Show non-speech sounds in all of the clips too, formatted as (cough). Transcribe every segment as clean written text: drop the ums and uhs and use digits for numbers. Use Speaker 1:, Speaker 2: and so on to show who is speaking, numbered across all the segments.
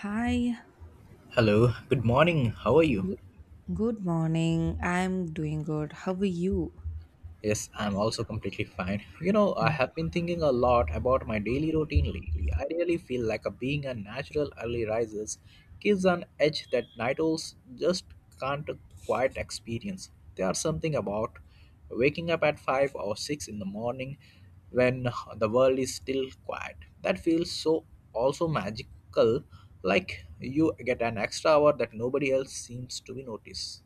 Speaker 1: Hi,
Speaker 2: Hello, good morning. How are you?
Speaker 1: good, good morning. I'm doing good. How are you?
Speaker 2: Yes, I'm also completely fine. You know, I have been thinking a lot about my daily routine lately. I really feel like a being a natural early risers gives an edge that night owls just can't quite experience. There are something about waking up at 5 or 6 in the morning when the world is still quiet. That feels so also magical like you get an extra hour that nobody else seems to be notice.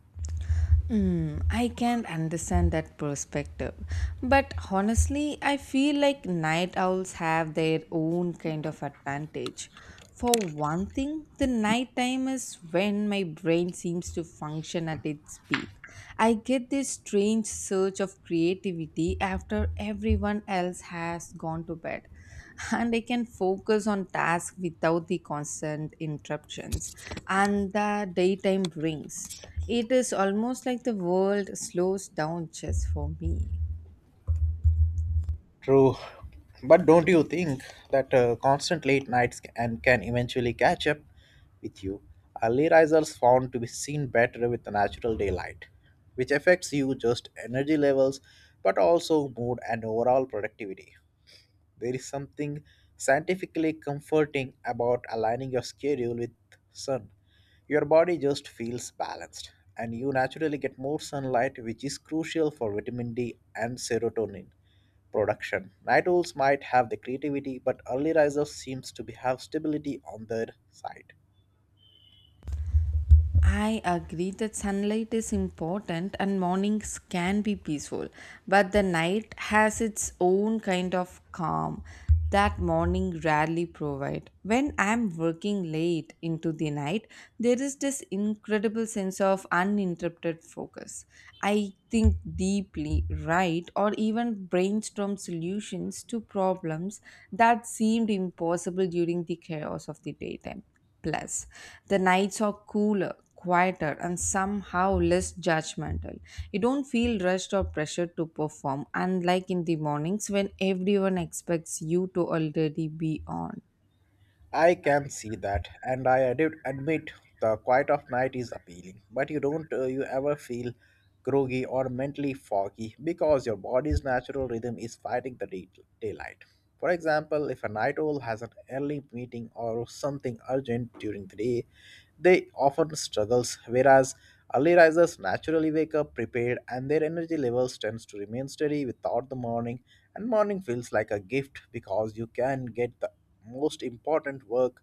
Speaker 1: Mm, I can understand that perspective. But honestly, I feel like night owls have their own kind of advantage. For one thing, the nighttime is when my brain seems to function at its peak. I get this strange surge of creativity after everyone else has gone to bed, and I can focus on tasks without the constant interruptions and the daytime brings. It is almost like the world slows down just for me.
Speaker 2: True, but don't you think that constant late nights and can eventually catch up with you? Early risers found to be seen better with the natural daylight, which affects you just energy levels, but also mood and overall productivity. There is something scientifically comforting about aligning your schedule with sun. Your body just feels balanced, and you naturally get more sunlight, which is crucial for vitamin D and serotonin production. Night owls might have the creativity, but early risers seems to be have stability on their side.
Speaker 1: I agree that sunlight is important and mornings can be peaceful, but the night has its own kind of calm that morning rarely provide. When I'm working late into the night, there is this incredible sense of uninterrupted focus. I think deeply, write, or even brainstorm solutions to problems that seemed impossible during the chaos of the daytime. Plus, the nights are cooler, quieter, and somehow less judgmental. You don't feel rushed or pressured to perform, unlike in the mornings when everyone expects you to already be on.
Speaker 2: I can see that, and I admit the quiet of night is appealing. But you don't you ever feel groggy or mentally foggy because your body's natural rhythm is fighting the daylight. For example, if a night owl has an early meeting or something urgent during the day, they often struggles, whereas early risers naturally wake up prepared and their energy levels tends to remain steady without the morning and morning feels like a gift because you can get the most important work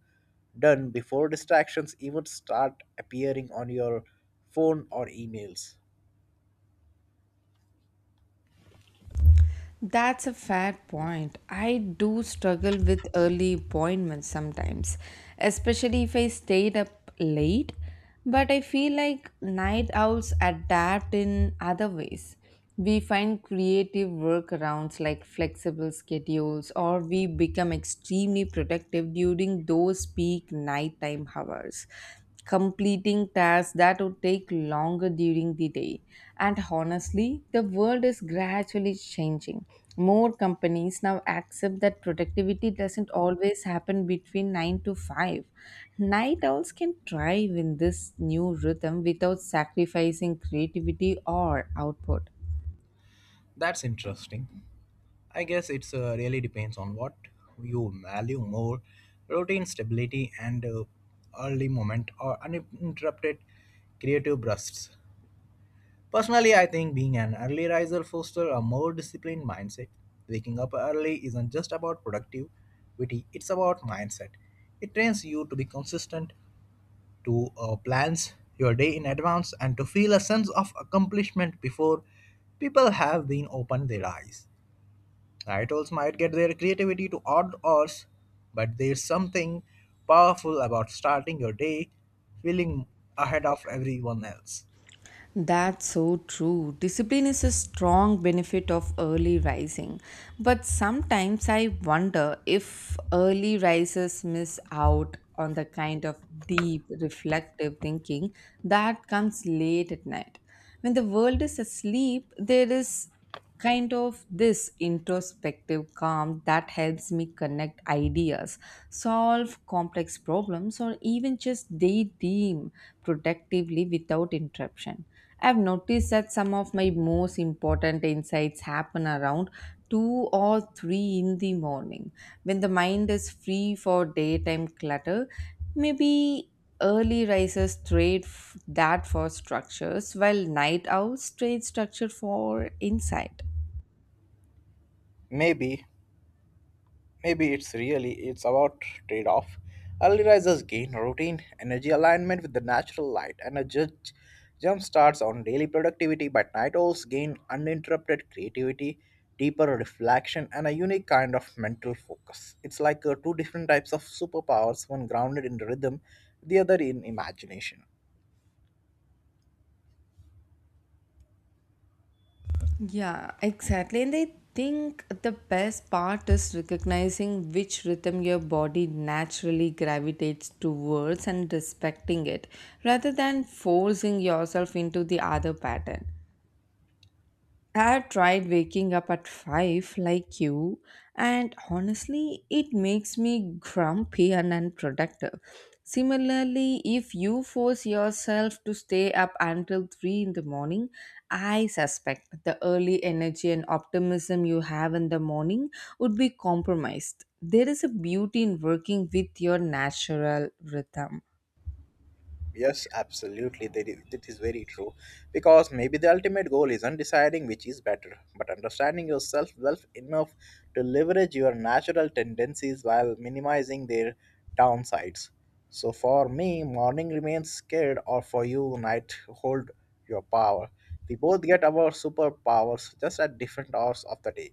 Speaker 2: done before distractions even start appearing on your phone or emails.
Speaker 1: That's a fair point. I do struggle with early appointments sometimes, especially if I stayed up late. But I feel like night owls adapt in other ways. We find creative workarounds like flexible schedules, or we become extremely productive during those peak nighttime hours, completing tasks that would take longer during the day. And honestly, the world is gradually changing. More companies now accept that productivity doesn't always happen between 9 to 5. Night owls can thrive in this new rhythm without sacrificing creativity or output.
Speaker 2: That's interesting. I guess it's really depends on what you value more routine stability and early moment or uninterrupted creative bursts. Personally, I think being an early riser fosters a more disciplined mindset. Waking up early isn't just about productivity, it's about mindset. It trains you to be consistent, to plans your day in advance, and to feel a sense of accomplishment before people have been opened their eyes. Night owls might get their creativity to odd hours, but there's something powerful about starting your day feeling ahead of everyone else.
Speaker 1: That's so true. Discipline is a strong benefit of early rising. But sometimes I wonder if early risers miss out on the kind of deep, reflective thinking that comes late at night. When the world is asleep, there is kind of this introspective calm that helps me connect ideas, solve complex problems, or even just daydream productively without interruption. I've noticed that some of my most important insights happen around 2 or 3 in the morning when the mind is free for daytime clutter. Maybe early risers trade that for structures, while night owls trade structure for insight.
Speaker 2: Maybe Maybe it's about trade-off. Early risers gain routine energy alignment with the natural light, and a judge jump starts on daily productivity. But night owls gain uninterrupted creativity, deeper reflection, and a unique kind of mental focus. It's like two different types of superpowers: one grounded in rhythm, the other in imagination.
Speaker 1: Yeah, exactly. And I think the best part is recognizing which rhythm your body naturally gravitates towards and respecting it rather than forcing yourself into the other pattern. I have tried waking up at 5 like you, and honestly, it makes me grumpy and unproductive. Similarly, if you force yourself to stay up until 3 in the morning, I suspect the early energy and optimism you have in the morning would be compromised. There is a beauty in working with your natural rhythm.
Speaker 2: Yes, absolutely. That is very true. Because maybe the ultimate goal isn't deciding which is better, but understanding yourself well enough to leverage your natural tendencies while minimizing their downsides. So for me, morning remains scared, or for you, night hold your power. We both get our superpowers just at different hours of the day.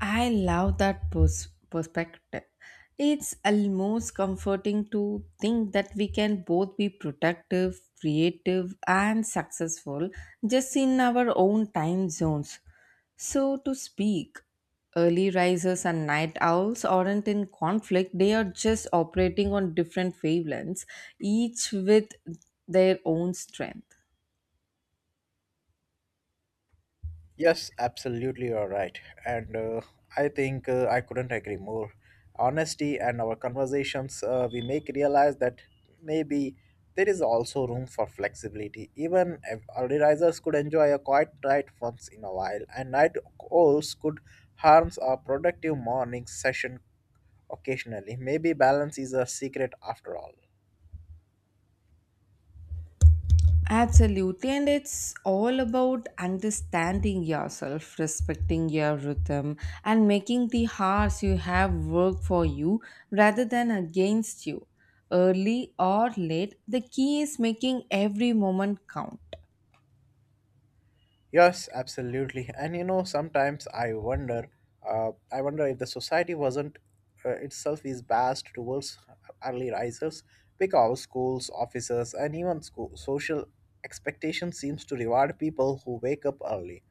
Speaker 1: I love that perspective. It's almost comforting to think that we can both be productive, creative, and successful just in our own time zones. So, to speak, early risers and night owls aren't in conflict, they are just operating on different wavelengths, each with their own strength.
Speaker 2: Yes, absolutely, you're right. And I think I couldn't agree more. Honesty and our conversations, we make realize that maybe there is also room for flexibility. Even if early risers could enjoy a quiet night once in a while, and night owls could harm a productive morning session occasionally. Maybe balance is a secret after all.
Speaker 1: Absolutely, and it's all about understanding yourself, respecting your rhythm, and making the hours you have work for you rather than against you. Early or late, the key is making every moment count.
Speaker 2: Yes, absolutely. (laughs) And you know, sometimes I wonder if the society wasn't itself is biased towards early risers because schools, offices, and even school, social expectation seems to reward people who wake up early,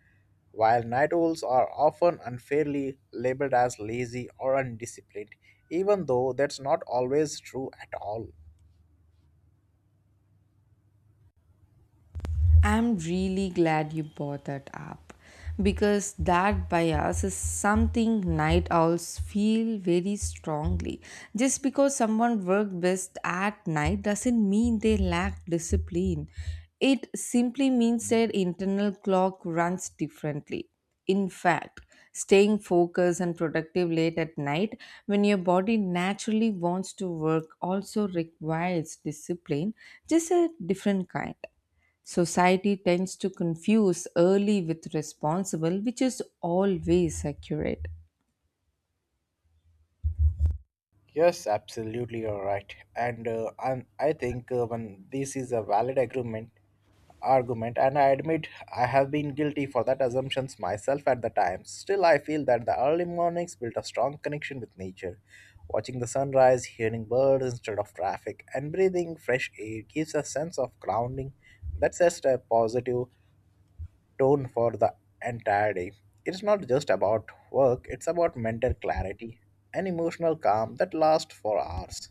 Speaker 2: while night owls are often unfairly labeled as lazy or undisciplined, even though that's not always true at all.
Speaker 1: I'm really glad you brought that up because that bias is something night owls feel very strongly. Just because someone works best at night doesn't mean they lack discipline. It simply means their internal clock runs differently. In fact, staying focused and productive late at night when your body naturally wants to work also requires discipline, just a different kind. Society tends to confuse early with responsible, which is always accurate.
Speaker 2: Yes, absolutely, you're right. And I think when this is a valid agreement, argument, and I admit I have been guilty for that assumptions myself at the time. Still, I feel that the early mornings built a strong connection with nature. Watching the sunrise, hearing birds instead of traffic, and breathing fresh air gives a sense of grounding. That's just a positive tone for the entire day. It's not just about work, it's about mental clarity and emotional calm that lasts for hours.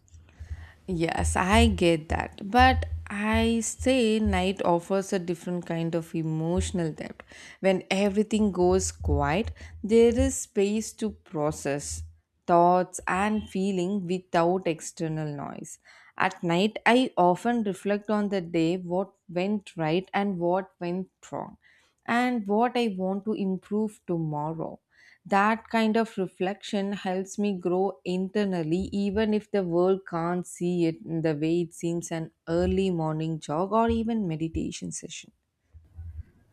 Speaker 1: Yes, I get that. But I say night offers a different kind of emotional depth. When everything goes quiet, there is space to process thoughts and feeling without external noise. At night, I often reflect on the day what went right and what went wrong, and what I want to improve tomorrow. That kind of reflection helps me grow internally, even if the world can't see it in the way it seems an early morning jog or even meditation session.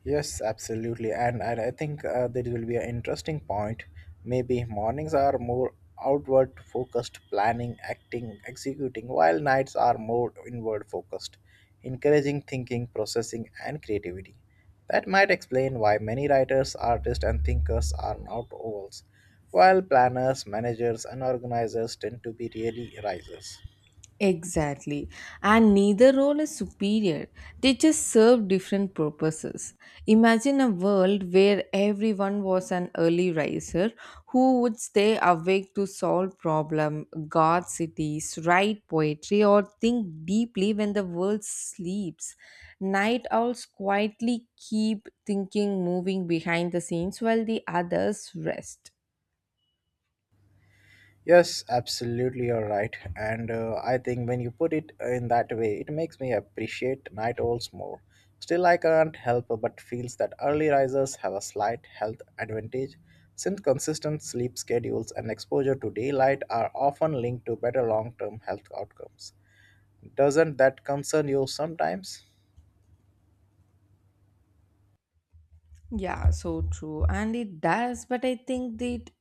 Speaker 2: Yes, absolutely. And I think there will be an interesting point. Maybe mornings are more outward focused, planning, acting, executing, while nights are more inward focused, encouraging thinking, processing, and creativity. That might explain why many writers, artists, and thinkers are not ovals, while planners, managers, and organizers tend to be really risers.
Speaker 1: Exactly. And neither role is superior. They just serve different purposes. Imagine a world where everyone was an early riser who would stay awake to solve problem, guard cities, write poetry or think deeply when the world sleeps. Night owls quietly keep thinking moving behind the scenes while the others rest.
Speaker 2: Yes, absolutely, you're right. And I think when you put it in that way, it makes me appreciate night owls more. Still, I can't help but feels that early risers have a slight health advantage, since consistent sleep schedules and exposure to daylight are often linked to better long-term health outcomes. Doesn't that concern you sometimes?
Speaker 1: Yeah, so true. And it does, but I think that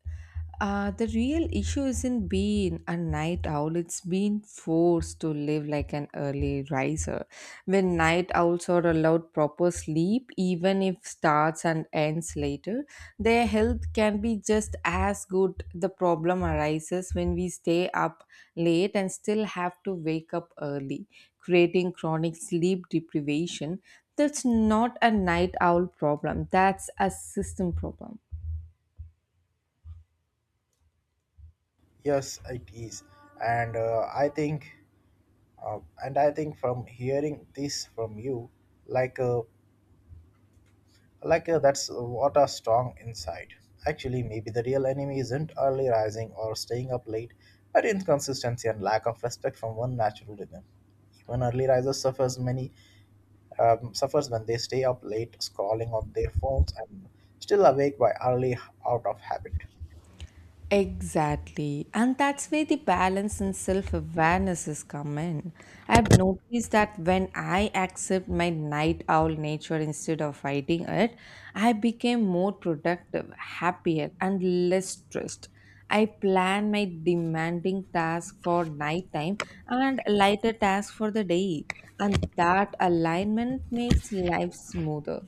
Speaker 1: the real issue isn't being a night owl, it's being forced to live like an early riser. When night owls are allowed proper sleep, even if starts and ends later, their health can be just as good. The problem arises when we stay up late and still have to wake up early, creating chronic sleep deprivation that's not a night owl problem, that's a system problem.
Speaker 2: Yes, it is, and I think, and I think from hearing this from you, like. Uh, that's what a strong insight. Actually, maybe the real enemy isn't early rising or staying up late, but inconsistency and lack of respect from one natural rhythm. Even early risers suffers many suffers when they stay up late scrolling on their phones and still awake by early out of habit.
Speaker 1: Exactly. And that's where the balance and self awareness is come in. I've noticed that when I accept my night owl nature instead of fighting it, I became more productive, happier, and less stressed. I plan my demanding task for nighttime and lighter task for the day. And that alignment makes life smoother.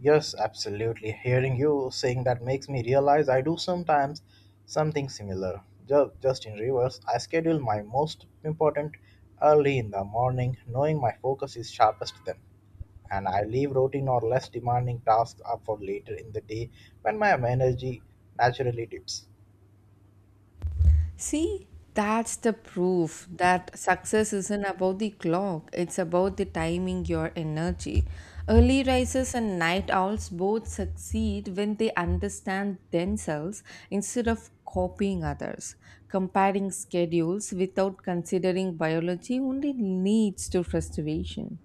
Speaker 2: Yes, absolutely. Hearing you saying that makes me realize I do sometimes something similar. Just in reverse, I schedule my most important early in the morning, knowing my focus is sharpest then. And I leave routine or less demanding tasks up for later in the day when my energy naturally dips.
Speaker 1: See, that's the proof that success isn't about the clock, it's about the timing your energy. Early risers and night owls both succeed when they understand themselves instead of copying others. Comparing schedules without considering biology only leads to frustration.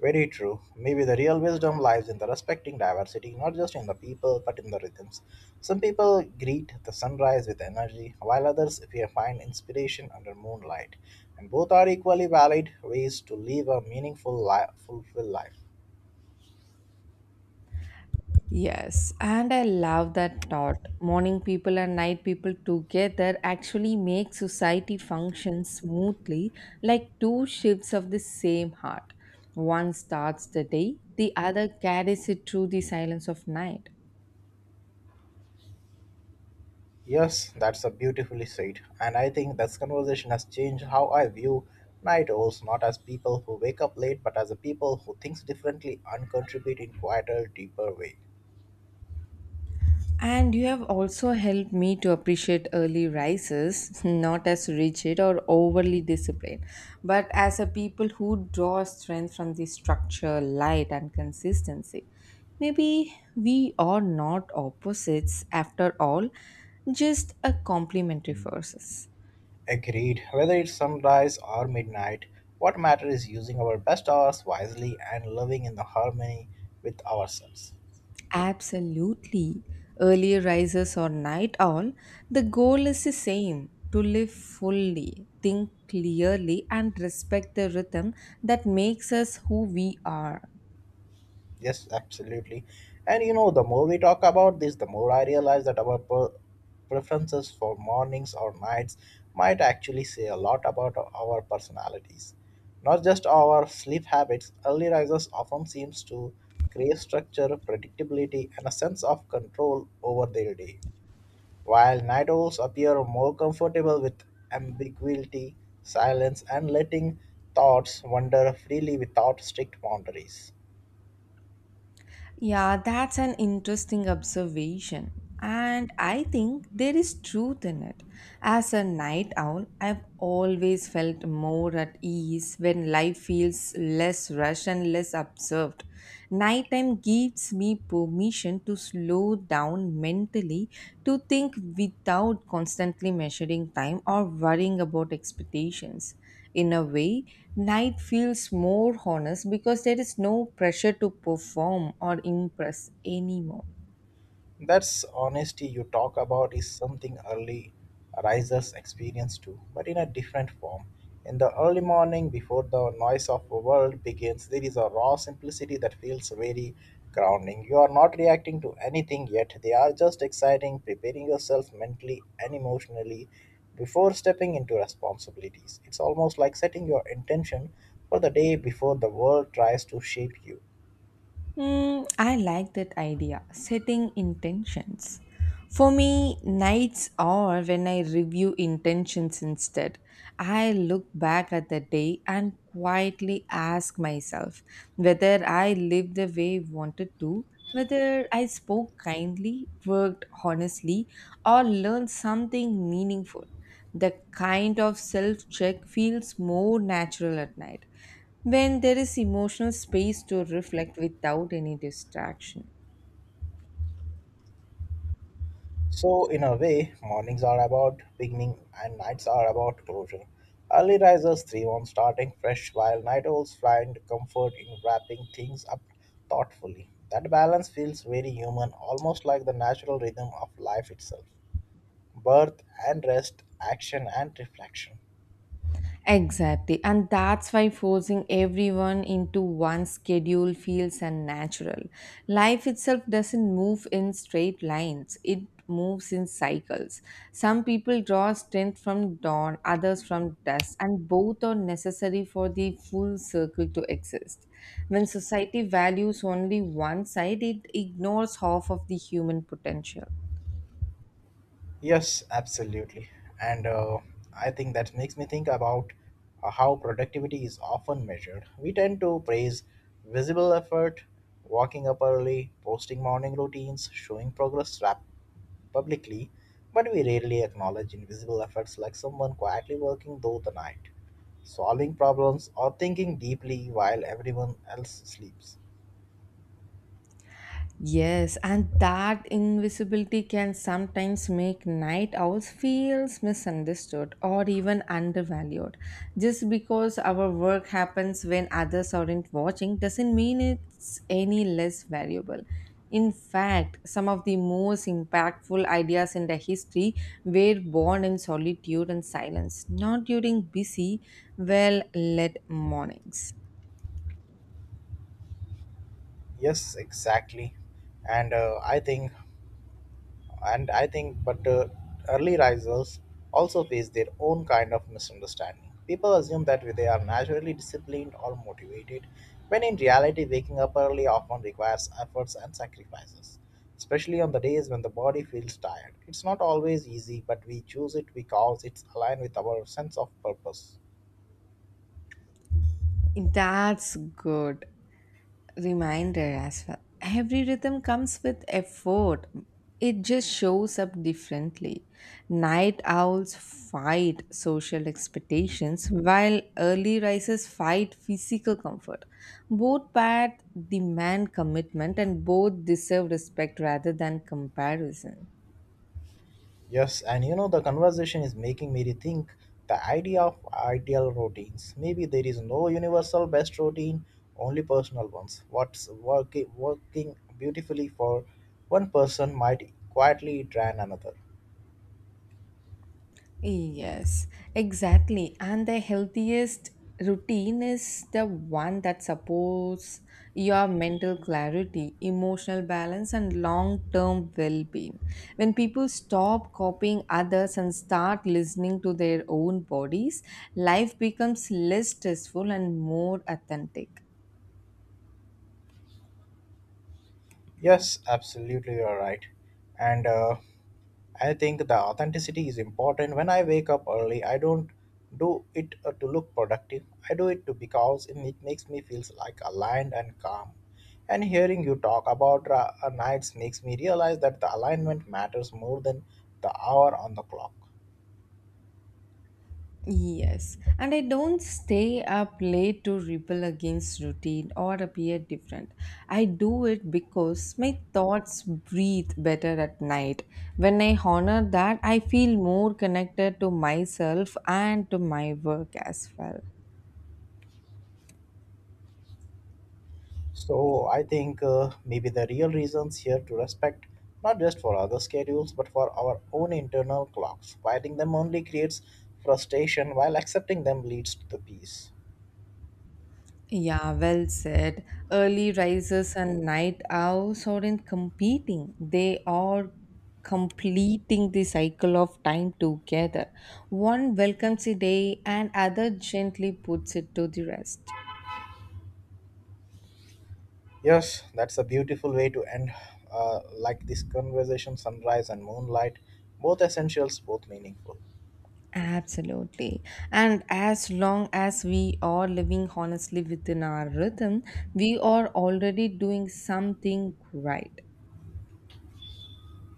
Speaker 2: Very true. Maybe the real wisdom lies in the respecting diversity, not just in the people, but in the rhythms. Some people greet the sunrise with energy, while others find inspiration under moonlight. And both are equally valid ways to live a meaningful, fulfilled life.
Speaker 1: Yes, and I love that thought. Morning people and night people together actually make society function smoothly, like two shifts of the same heart. One starts the day, the other carries it through the silence of night.
Speaker 2: Yes, that's a beautifully said. And I think this conversation has changed how I view night owls, not as people who wake up late, but as a people who thinks differently and contribute in quieter, deeper ways.
Speaker 1: And you have also helped me to appreciate early rises, (laughs) not as rigid or overly disciplined, but as a people who draw strength from the structure, light, and consistency. Maybe we are not opposites after all, just a complementary forces.
Speaker 2: Agreed. Whether it's sunrise or midnight, what matters is using our best hours wisely and living in the harmony with ourselves.
Speaker 1: Absolutely. Early risers or night owl, the goal is the same to live fully, think clearly, and respect the rhythm that makes us who we are.
Speaker 2: Yes, absolutely. And you know, the more we talk about this, the more I realize that our preferences for mornings or nights might actually say a lot about our personalities. Not just our sleep habits, early risers often seems to crave structure, predictability, and a sense of control over their day. While night owls appear more comfortable with ambiguity, silence, and letting thoughts wander freely without strict boundaries.
Speaker 1: Yeah, that's an interesting observation. And I think there is truth in it. As a night owl, I've always felt more at ease when life feels less rushed and less observed. Nighttime gives me permission to slow down mentally, to think without constantly measuring time or worrying about expectations. In a way, night feels more honest because there is no pressure to perform or impress anymore.
Speaker 2: That's honesty you talk about is something early risers experience too, but in a different form. In the early morning, before the noise of the world begins, there is a raw simplicity that feels very grounding. You are not reacting to anything yet, they are just exciting, preparing yourself mentally and emotionally before stepping into responsibilities. It's almost like setting your intention for the day before the world tries to shape you.
Speaker 1: Hmm, I like that idea, setting intentions. For me, nights are when I review intentions instead. I look back at the day and quietly ask myself whether I lived the way I wanted to, whether I spoke kindly, worked honestly, or learned something meaningful. The kind of self check feels more natural at night when there is emotional space to reflect without any distraction.
Speaker 2: So, in a way, mornings are about beginning and nights are about closure. Early risers thrive on starting fresh, while night owls find comfort in wrapping things up thoughtfully. That balance feels very human, almost like the natural rhythm of life itself birth and rest, action and reflection.
Speaker 1: Exactly. And that's why forcing everyone into one schedule feels unnatural. Life itself doesn't move in straight lines, it moves in cycles. Some people draw strength from dawn, others from dusk, and both are necessary for the full circle to exist. When society values only one side, it ignores half of the human potential.
Speaker 2: Yes, absolutely. And I think that makes me think about how productivity is often measured. We tend to praise visible effort, waking up early, posting morning routines, showing progress publicly, but we rarely acknowledge invisible efforts like someone quietly working through the night, solving problems, or thinking deeply while everyone else sleeps.
Speaker 1: Yes, and that invisibility can sometimes make night owls feels misunderstood or even undervalued. Just because our work happens when others aren't watching doesn't mean it's any less valuable. In fact, some of the most impactful ideas in the history were born in solitude and silence, not during busy, well-lit mornings.
Speaker 2: Yes, exactly. And I think and I think but early risers also face their own kind of misunderstanding. People assume that they are naturally disciplined or motivated, when in reality, waking up early often requires efforts and sacrifices, especially on the days when the body feels tired. It's not always easy, but we choose it because it's aligned with our sense of purpose.
Speaker 1: That's good reminder as well. Every rhythm comes with effort. It just shows up differently. Night owls fight social expectations while early risers fight physical comfort. Both paths demand commitment and both deserve respect rather than comparison.
Speaker 2: Yes, and you know, the conversation is making me rethink the idea of ideal routines. Maybe there is no universal best routine, only personal ones. What's working beautifully for one person might quietly drain another.
Speaker 1: Yes, exactly. And the healthiest routine is the one that supports your mental clarity, emotional balance, and long term well being. When people stop copying others and start listening to their own bodies, life becomes less stressful and more authentic.
Speaker 2: Yes, absolutely, you're right. And I think the authenticity is important. When I wake up early, I don't do it to look productive. I do it to because it makes me feels like aligned and calm. And hearing you talk about nights makes me realize that the alignment matters more than the hour on the clock.
Speaker 1: Yes, and I don't stay up late to rebel against routine or appear different. I do it because my thoughts breathe better at night. When I honor that, I feel more connected to myself and to my work as well.
Speaker 2: So I think maybe the real reasons here to respect not just for other schedules but for our own internal clocks. Fighting them only creates frustration while accepting them leads to the peace.
Speaker 1: Yeah, well said. Early risers and night owls aren't competing, they are completing the cycle of time together. One welcomes a day, and other gently puts it to the rest.
Speaker 2: Yes, that's a beautiful way to end this conversation sunrise and moonlight both essentials both meaningful.
Speaker 1: Absolutely. And as long as we are living honestly within our rhythm, we are already doing something right.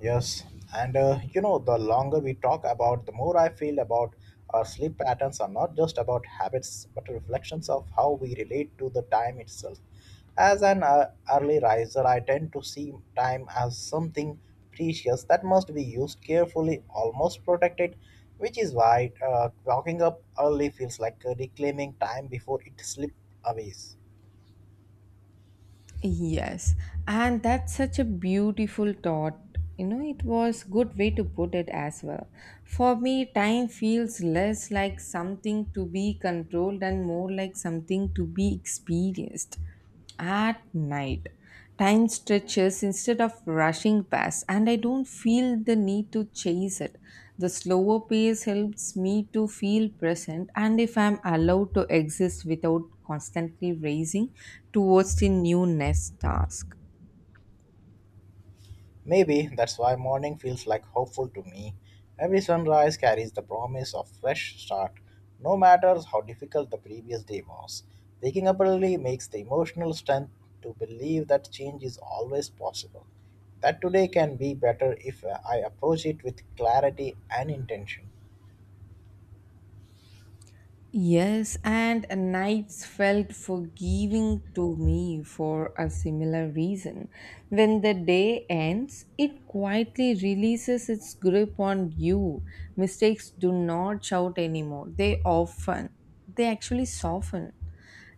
Speaker 2: Yes, and the longer we talk about, the more I feel about our sleep patterns are not just about habits, but reflections of how we relate to the time itself. As an early riser, I tend to see time as something precious that must be used carefully, almost protected, which is why waking up early feels like reclaiming time before it slips away.
Speaker 1: Yes, and that's such a beautiful thought. You know, it was good way to put it as well. For me, time feels less like something to be controlled and more like something to be experienced. At night, time stretches instead of rushing past, and I don't feel the need to chase it. The slower pace helps me to feel present, and if I'm allowed to exist without constantly racing towards the new next task.
Speaker 2: Maybe that's why morning feels like hopeful to me. Every sunrise carries the promise of fresh start, no matter how difficult the previous day was. Waking up early makes the emotional strength to believe that change is always possible. That today can be better if I approach it with clarity and intention.
Speaker 1: Yes, and nights felt forgiving to me for a similar reason. When the day ends, it quietly releases its grip on you. Mistakes do not shout anymore. They often, they actually soften.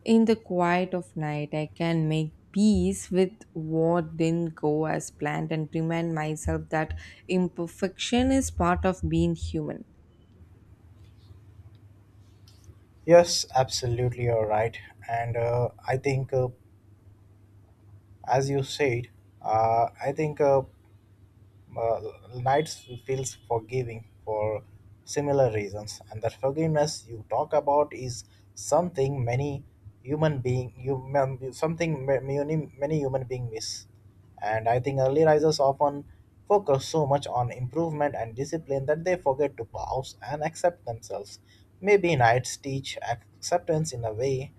Speaker 1: In the quiet of night, I can make peace with what didn't go as planned and remind myself that imperfection is part of being human.
Speaker 2: Yes, absolutely, you're right. And uh, I think, uh, as you said, I think uh, nights feels forgiving for similar reasons, and that forgiveness you talk about is something many human being human something ma- many many human being miss. And I think early risers often focus so much on improvement and discipline that they forget to pause and accept themselves. Maybe nights teach acceptance in a way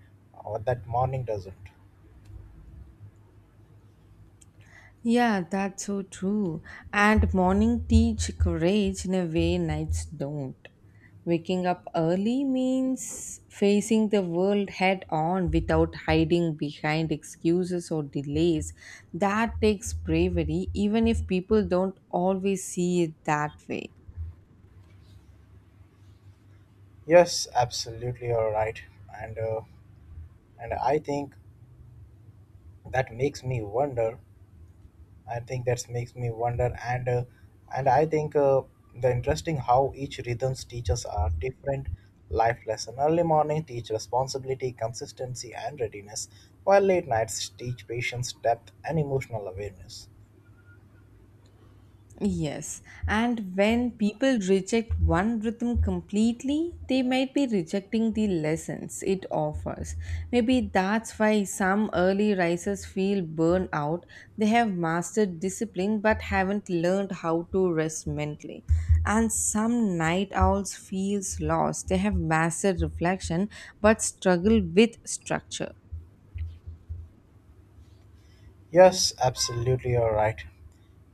Speaker 2: that morning doesn't.
Speaker 1: Yeah, that's so true. And morning teach courage in a way nights don't. Waking up early means facing the world head on without hiding behind excuses or delays. That takes bravery, even if people don't always see it that way.
Speaker 2: Yes, absolutely, you're right. And uh, and i think that makes me wonder. I think that makes me wonder and I think The interesting how each rhythms teaches are different life lesson. Early morning teach responsibility, consistency, and readiness, while late nights teach patience, depth, and emotional awareness.
Speaker 1: Yes, and when people reject one rhythm completely, they might be rejecting the lessons it offers. Maybe that's why some early risers feel burned out. They have mastered discipline but haven't learned how to rest mentally. And some night owls feels lost. They have mastered reflection but struggle with structure.
Speaker 2: Yes, absolutely, you're right.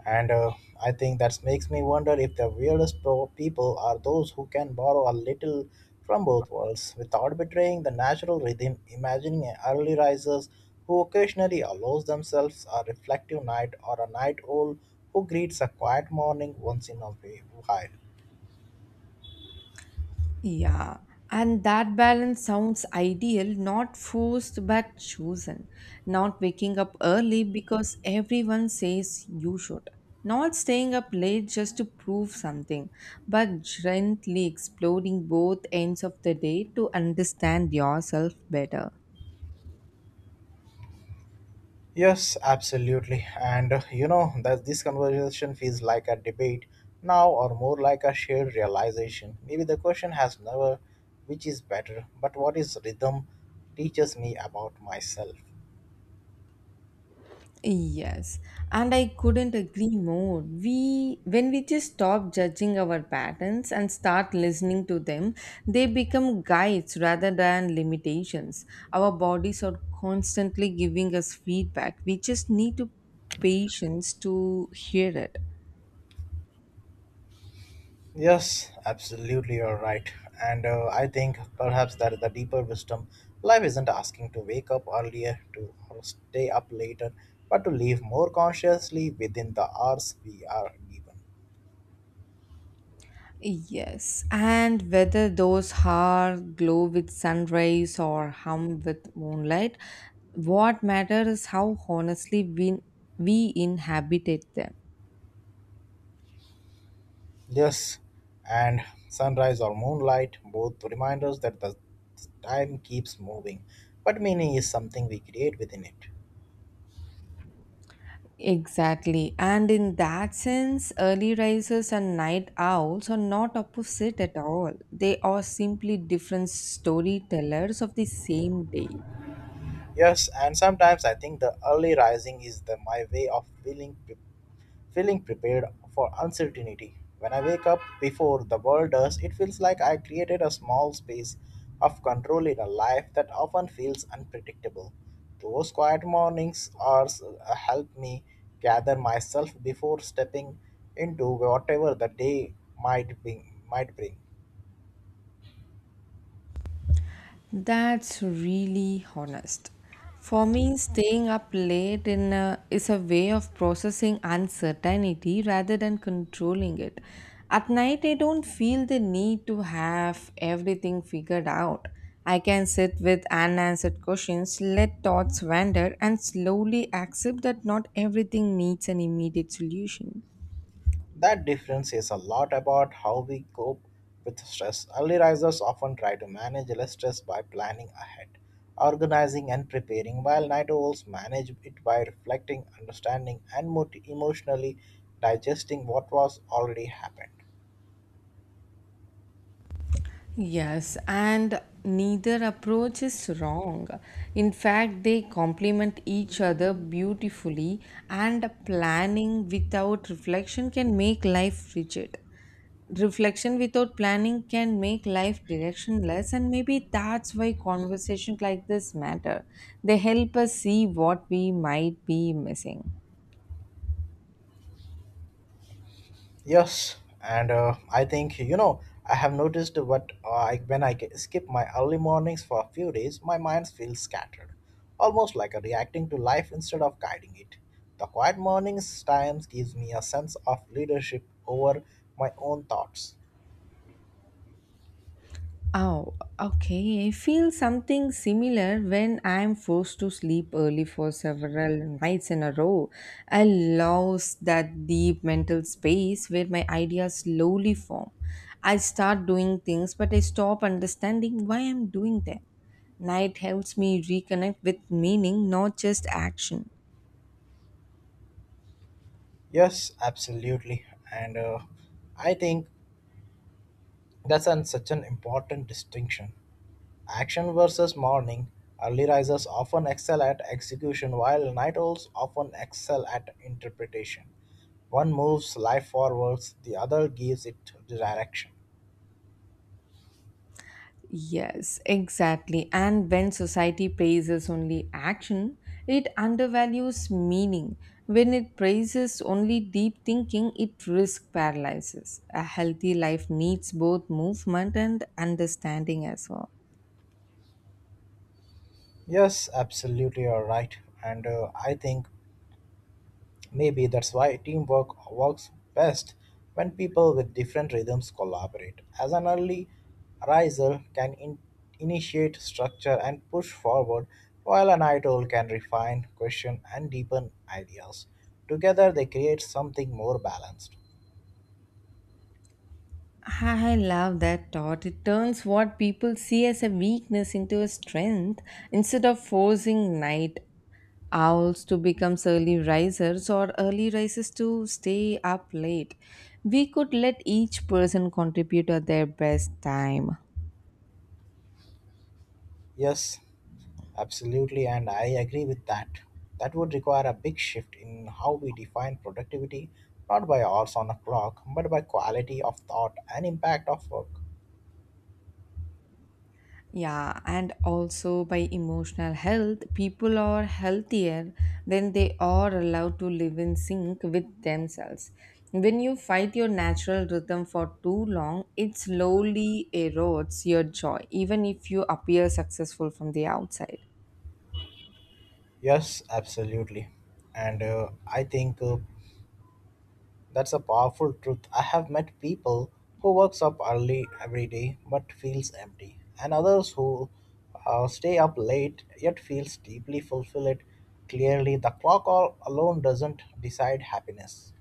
Speaker 2: And I think that makes me wonder if the weirdest people are those who can borrow a little from both worlds without betraying the natural rhythm, imagining an early risers who occasionally allows themselves a reflective night, or a night owl who greets a quiet morning once in a while.
Speaker 1: Yeah, and that balance sounds ideal, not forced but chosen. Not waking up early because everyone says you should. Not staying up late just to prove something, but gently exploring both ends of the day to understand yourself better.
Speaker 2: Yes, absolutely. And that this conversation feels like a debate now, or more like a shared realization. Maybe the question has never which is better, but what is rhythm teaches me about myself.
Speaker 1: Yes, and I couldn't agree more. We, when we just stop judging our patterns and start listening to them, they become guides rather than limitations. Our bodies are constantly giving us feedback. We just need to patience to hear it.
Speaker 2: Yes, absolutely, you're right. And I think perhaps that the deeper wisdom life isn't asking to wake up earlier, to or stay up later, but to live more consciously within the hours we are given.
Speaker 1: Yes, and whether those are glow with sunrise or hum with moonlight, what matters is how honestly we inhabited them.
Speaker 2: Yes, and sunrise or moonlight, both reminders that the time keeps moving, but meaning is something we create within it.
Speaker 1: Exactly. And in that sense, early risers and night owls are not opposite at all. They are simply different storytellers of the same day.
Speaker 2: Yes, and sometimes I think the early rising is the my way of feeling prepared for uncertainty. When I wake up before the world does, it feels like I created a small space of control in a life that often feels unpredictable. Those quiet mornings are help me gather myself before stepping into whatever the day might bring.
Speaker 1: That's really honest. For me, staying up late in a, is a way of processing uncertainty rather than controlling it. At night, I don't feel the need to have everything figured out. I can sit with unanswered questions, let thoughts wander, and slowly accept that not everything needs an immediate solution.
Speaker 2: That difference says a lot about how we cope with stress. Early risers often try to manage less stress by planning ahead, organizing, and preparing, while night owls manage it by reflecting, understanding, and emotionally digesting what was already happened.
Speaker 1: Yes, and neither approach is wrong. In fact, they complement each other beautifully, and planning without reflection can make life rigid. Reflection without planning can make life directionless, and maybe that's why conversations like this matter. They help us see what we might be missing.
Speaker 2: Yes, and I think you know I have noticed what when I skip my early mornings for a few days, my mind feels scattered, almost like a reacting to life instead of guiding it. The quiet mornings times gives me a sense of leadership over my own thoughts.
Speaker 1: Oh, okay. I feel something similar when I'm forced to sleep early for several nights in a row. I lose that deep mental space where my ideas slowly form. I start doing things, but I stop understanding why I'm doing them. Night helps me reconnect with meaning, not just action.
Speaker 2: Yes, absolutely, and I think that's an, such an important distinction. Action versus morning, early risers often excel at execution while night owls often excel at interpretation. One moves life forwards, the other gives it direction.
Speaker 1: Yes, exactly. And when society praises only action, it undervalues meaning. When it praises only deep thinking, it risk paralysis. A healthy life needs both movement and understanding as well.
Speaker 2: Yes, absolutely, you're right. And I think maybe that's why teamwork works best when people with different rhythms collaborate, as an early riser can initiate structure and push forward, while an idol can refine, question, and deepen ideas. Together, they create something more balanced.
Speaker 1: I love that thought. It turns what people see as a weakness into a strength instead of forcing night owls to become early risers or early risers to stay up late. We could let each person contribute at their best time.
Speaker 2: Yes, absolutely, and I agree with that. That would require a big shift in how we define productivity, not by hours on a clock, but by quality of thought and impact of work.
Speaker 1: Yeah, and also by emotional health, people are healthier when they are allowed to live in sync with themselves. When you fight your natural rhythm for too long, it slowly erodes your joy, even if you appear successful from the outside.
Speaker 2: Yes, absolutely. And I think That's a powerful truth. I have met people who works up early every day but feels empty, and others who stay up late yet feels deeply fulfilled. Clearly, the clock all alone doesn't decide happiness.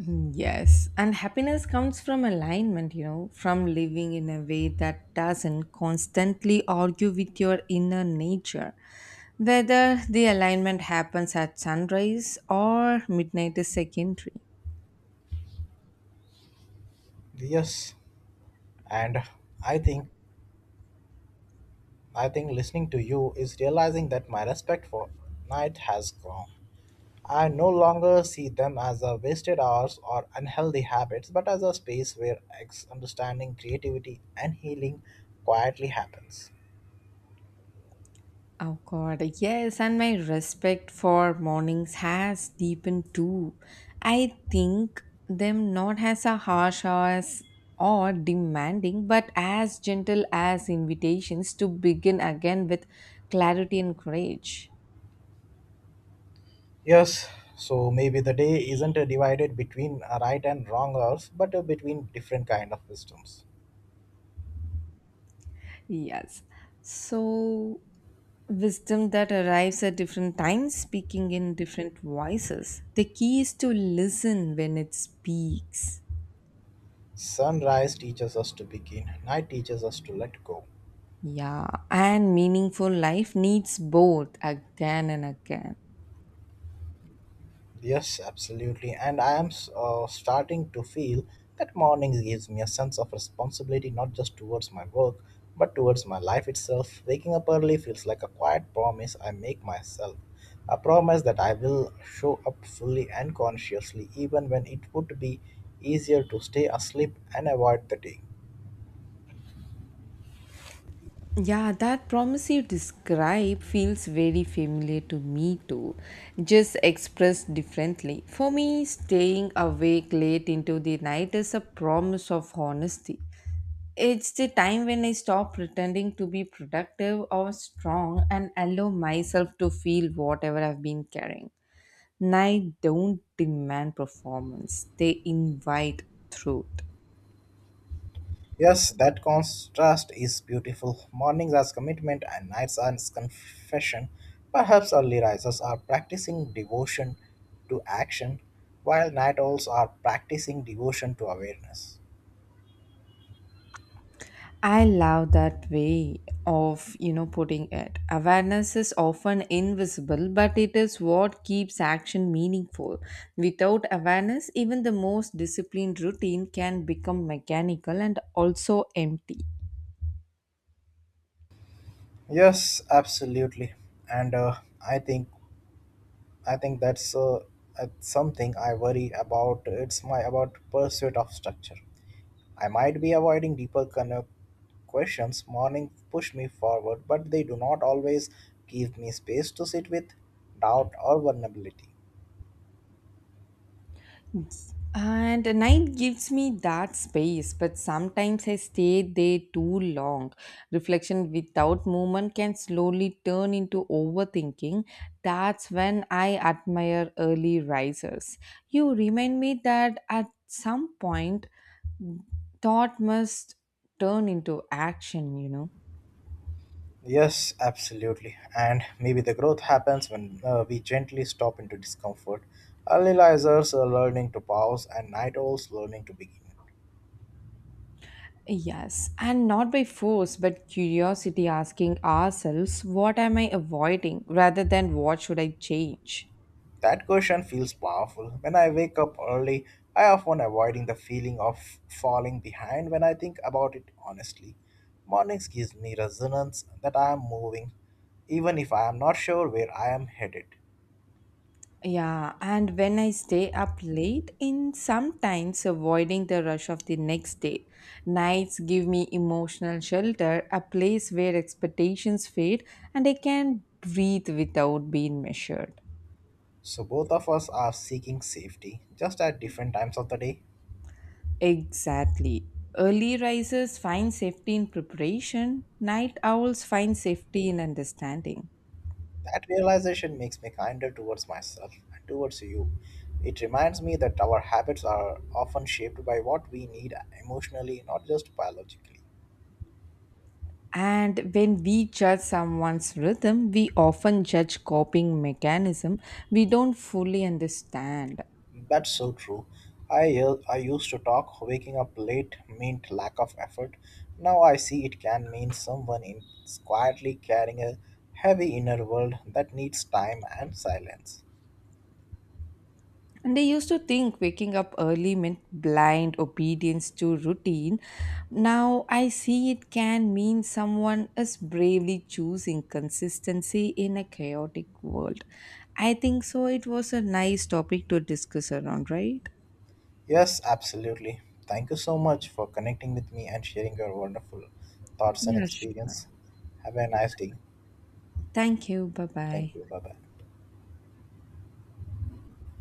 Speaker 1: Mm, yes, and happiness comes from alignment, from living in a way that doesn't constantly argue with your inner nature. Whether the alignment happens at sunrise or midnight is secondary.
Speaker 2: Yes, and I think I think listening to you is realizing that my respect for night has grown. I no longer see them as a wasted hours or unhealthy habits, but as a space where understanding, creativity, and healing quietly happens.
Speaker 1: Oh God, yes, and my respect for mornings has deepened too. I think them not as a harsh as or demanding, but as gentle as invitations to begin again with clarity and courage.
Speaker 2: Yes, so maybe the day isn't divided between right and wrong hours, but between different kind of wisdoms.
Speaker 1: Yes. So wisdom that arrives at different times, speaking in different voices. The key is to listen when it speaks.
Speaker 2: Sunrise teaches us to begin, night teaches us to let go.
Speaker 1: Yeah, and meaningful life needs both again and again.
Speaker 2: Yes, absolutely. And I am starting to feel that mornings gives me a sense of responsibility not just towards my work, but towards my life itself. Waking up early feels like a quiet promise I make myself. A promise that I will show up fully and consciously, even when it would be easier to stay asleep and avoid the day.
Speaker 1: Yeah, that promise you describe feels very familiar to me too, just expressed differently. For me, staying awake late into the night is a promise of honesty. It's the time when I stop pretending to be productive or strong and allow myself to feel whatever I've been carrying. Night don't demand performance, they invite truth.
Speaker 2: Yes, that contrast is beautiful. Mornings as commitment and nights as confession. Perhaps early risers are practicing devotion to action, while night owls are practicing devotion to awareness.
Speaker 1: I love that way of putting it. Awareness is often invisible, but it is what keeps action meaningful. Without awareness, even the most disciplined routine can become mechanical and also empty.
Speaker 2: Yes, absolutely. And I think I think that's something I worry about. It's my about pursuit of structure. I might be avoiding deeper questions. Morning push me forward, but they do not always give me space to sit with doubt or vulnerability.
Speaker 1: And a night gives me that space, but sometimes I stay there too long. Reflection without movement can slowly turn into overthinking. That's when I admire early risers. You remind me that at some point, thought must turn into action.
Speaker 2: Yes, absolutely. And maybe the growth happens when we gently stop into discomfort. Early risers are learning to pause, and night owls learning to begin.
Speaker 1: Yes, and not by force, but curiosity asking ourselves, what am I avoiding rather than what should I change?
Speaker 2: That question feels powerful. When I wake up early, I often avoiding the feeling of falling behind when I think about it honestly. Mornings gives me resonance that I am moving, even if I am not sure where I am headed.
Speaker 1: Yeah, and when I stay up late in sometimes avoiding the rush of the next day, nights give me emotional shelter, a place where expectations fade and I can breathe without being measured.
Speaker 2: So both of us are seeking safety, just at different times of the day.
Speaker 1: Exactly. Early risers find safety in preparation, night owls find safety in understanding.
Speaker 2: That realization makes me kinder towards myself and towards you. It reminds me that our habits are often shaped by what we need emotionally, not just biologically.
Speaker 1: And when we judge someone's rhythm, we often judge coping mechanism we don't fully understand.
Speaker 2: That's so true. I uh, I used to talk waking up late meant lack of effort. Now I see it can mean someone in is quietly carrying a heavy inner world that needs time and silence.
Speaker 1: And they used to think waking up early meant blind obedience to routine. Now I see it can mean someone is bravely choosing consistency in a chaotic world. I think so. It was a nice topic to discuss around, right?
Speaker 2: Yes, absolutely. Thank you so much for connecting with me and sharing your wonderful thoughts and
Speaker 1: Yeah, sure.
Speaker 2: experience. Have a nice day.
Speaker 1: Thank you. Bye bye.
Speaker 2: Thank you. Bye bye.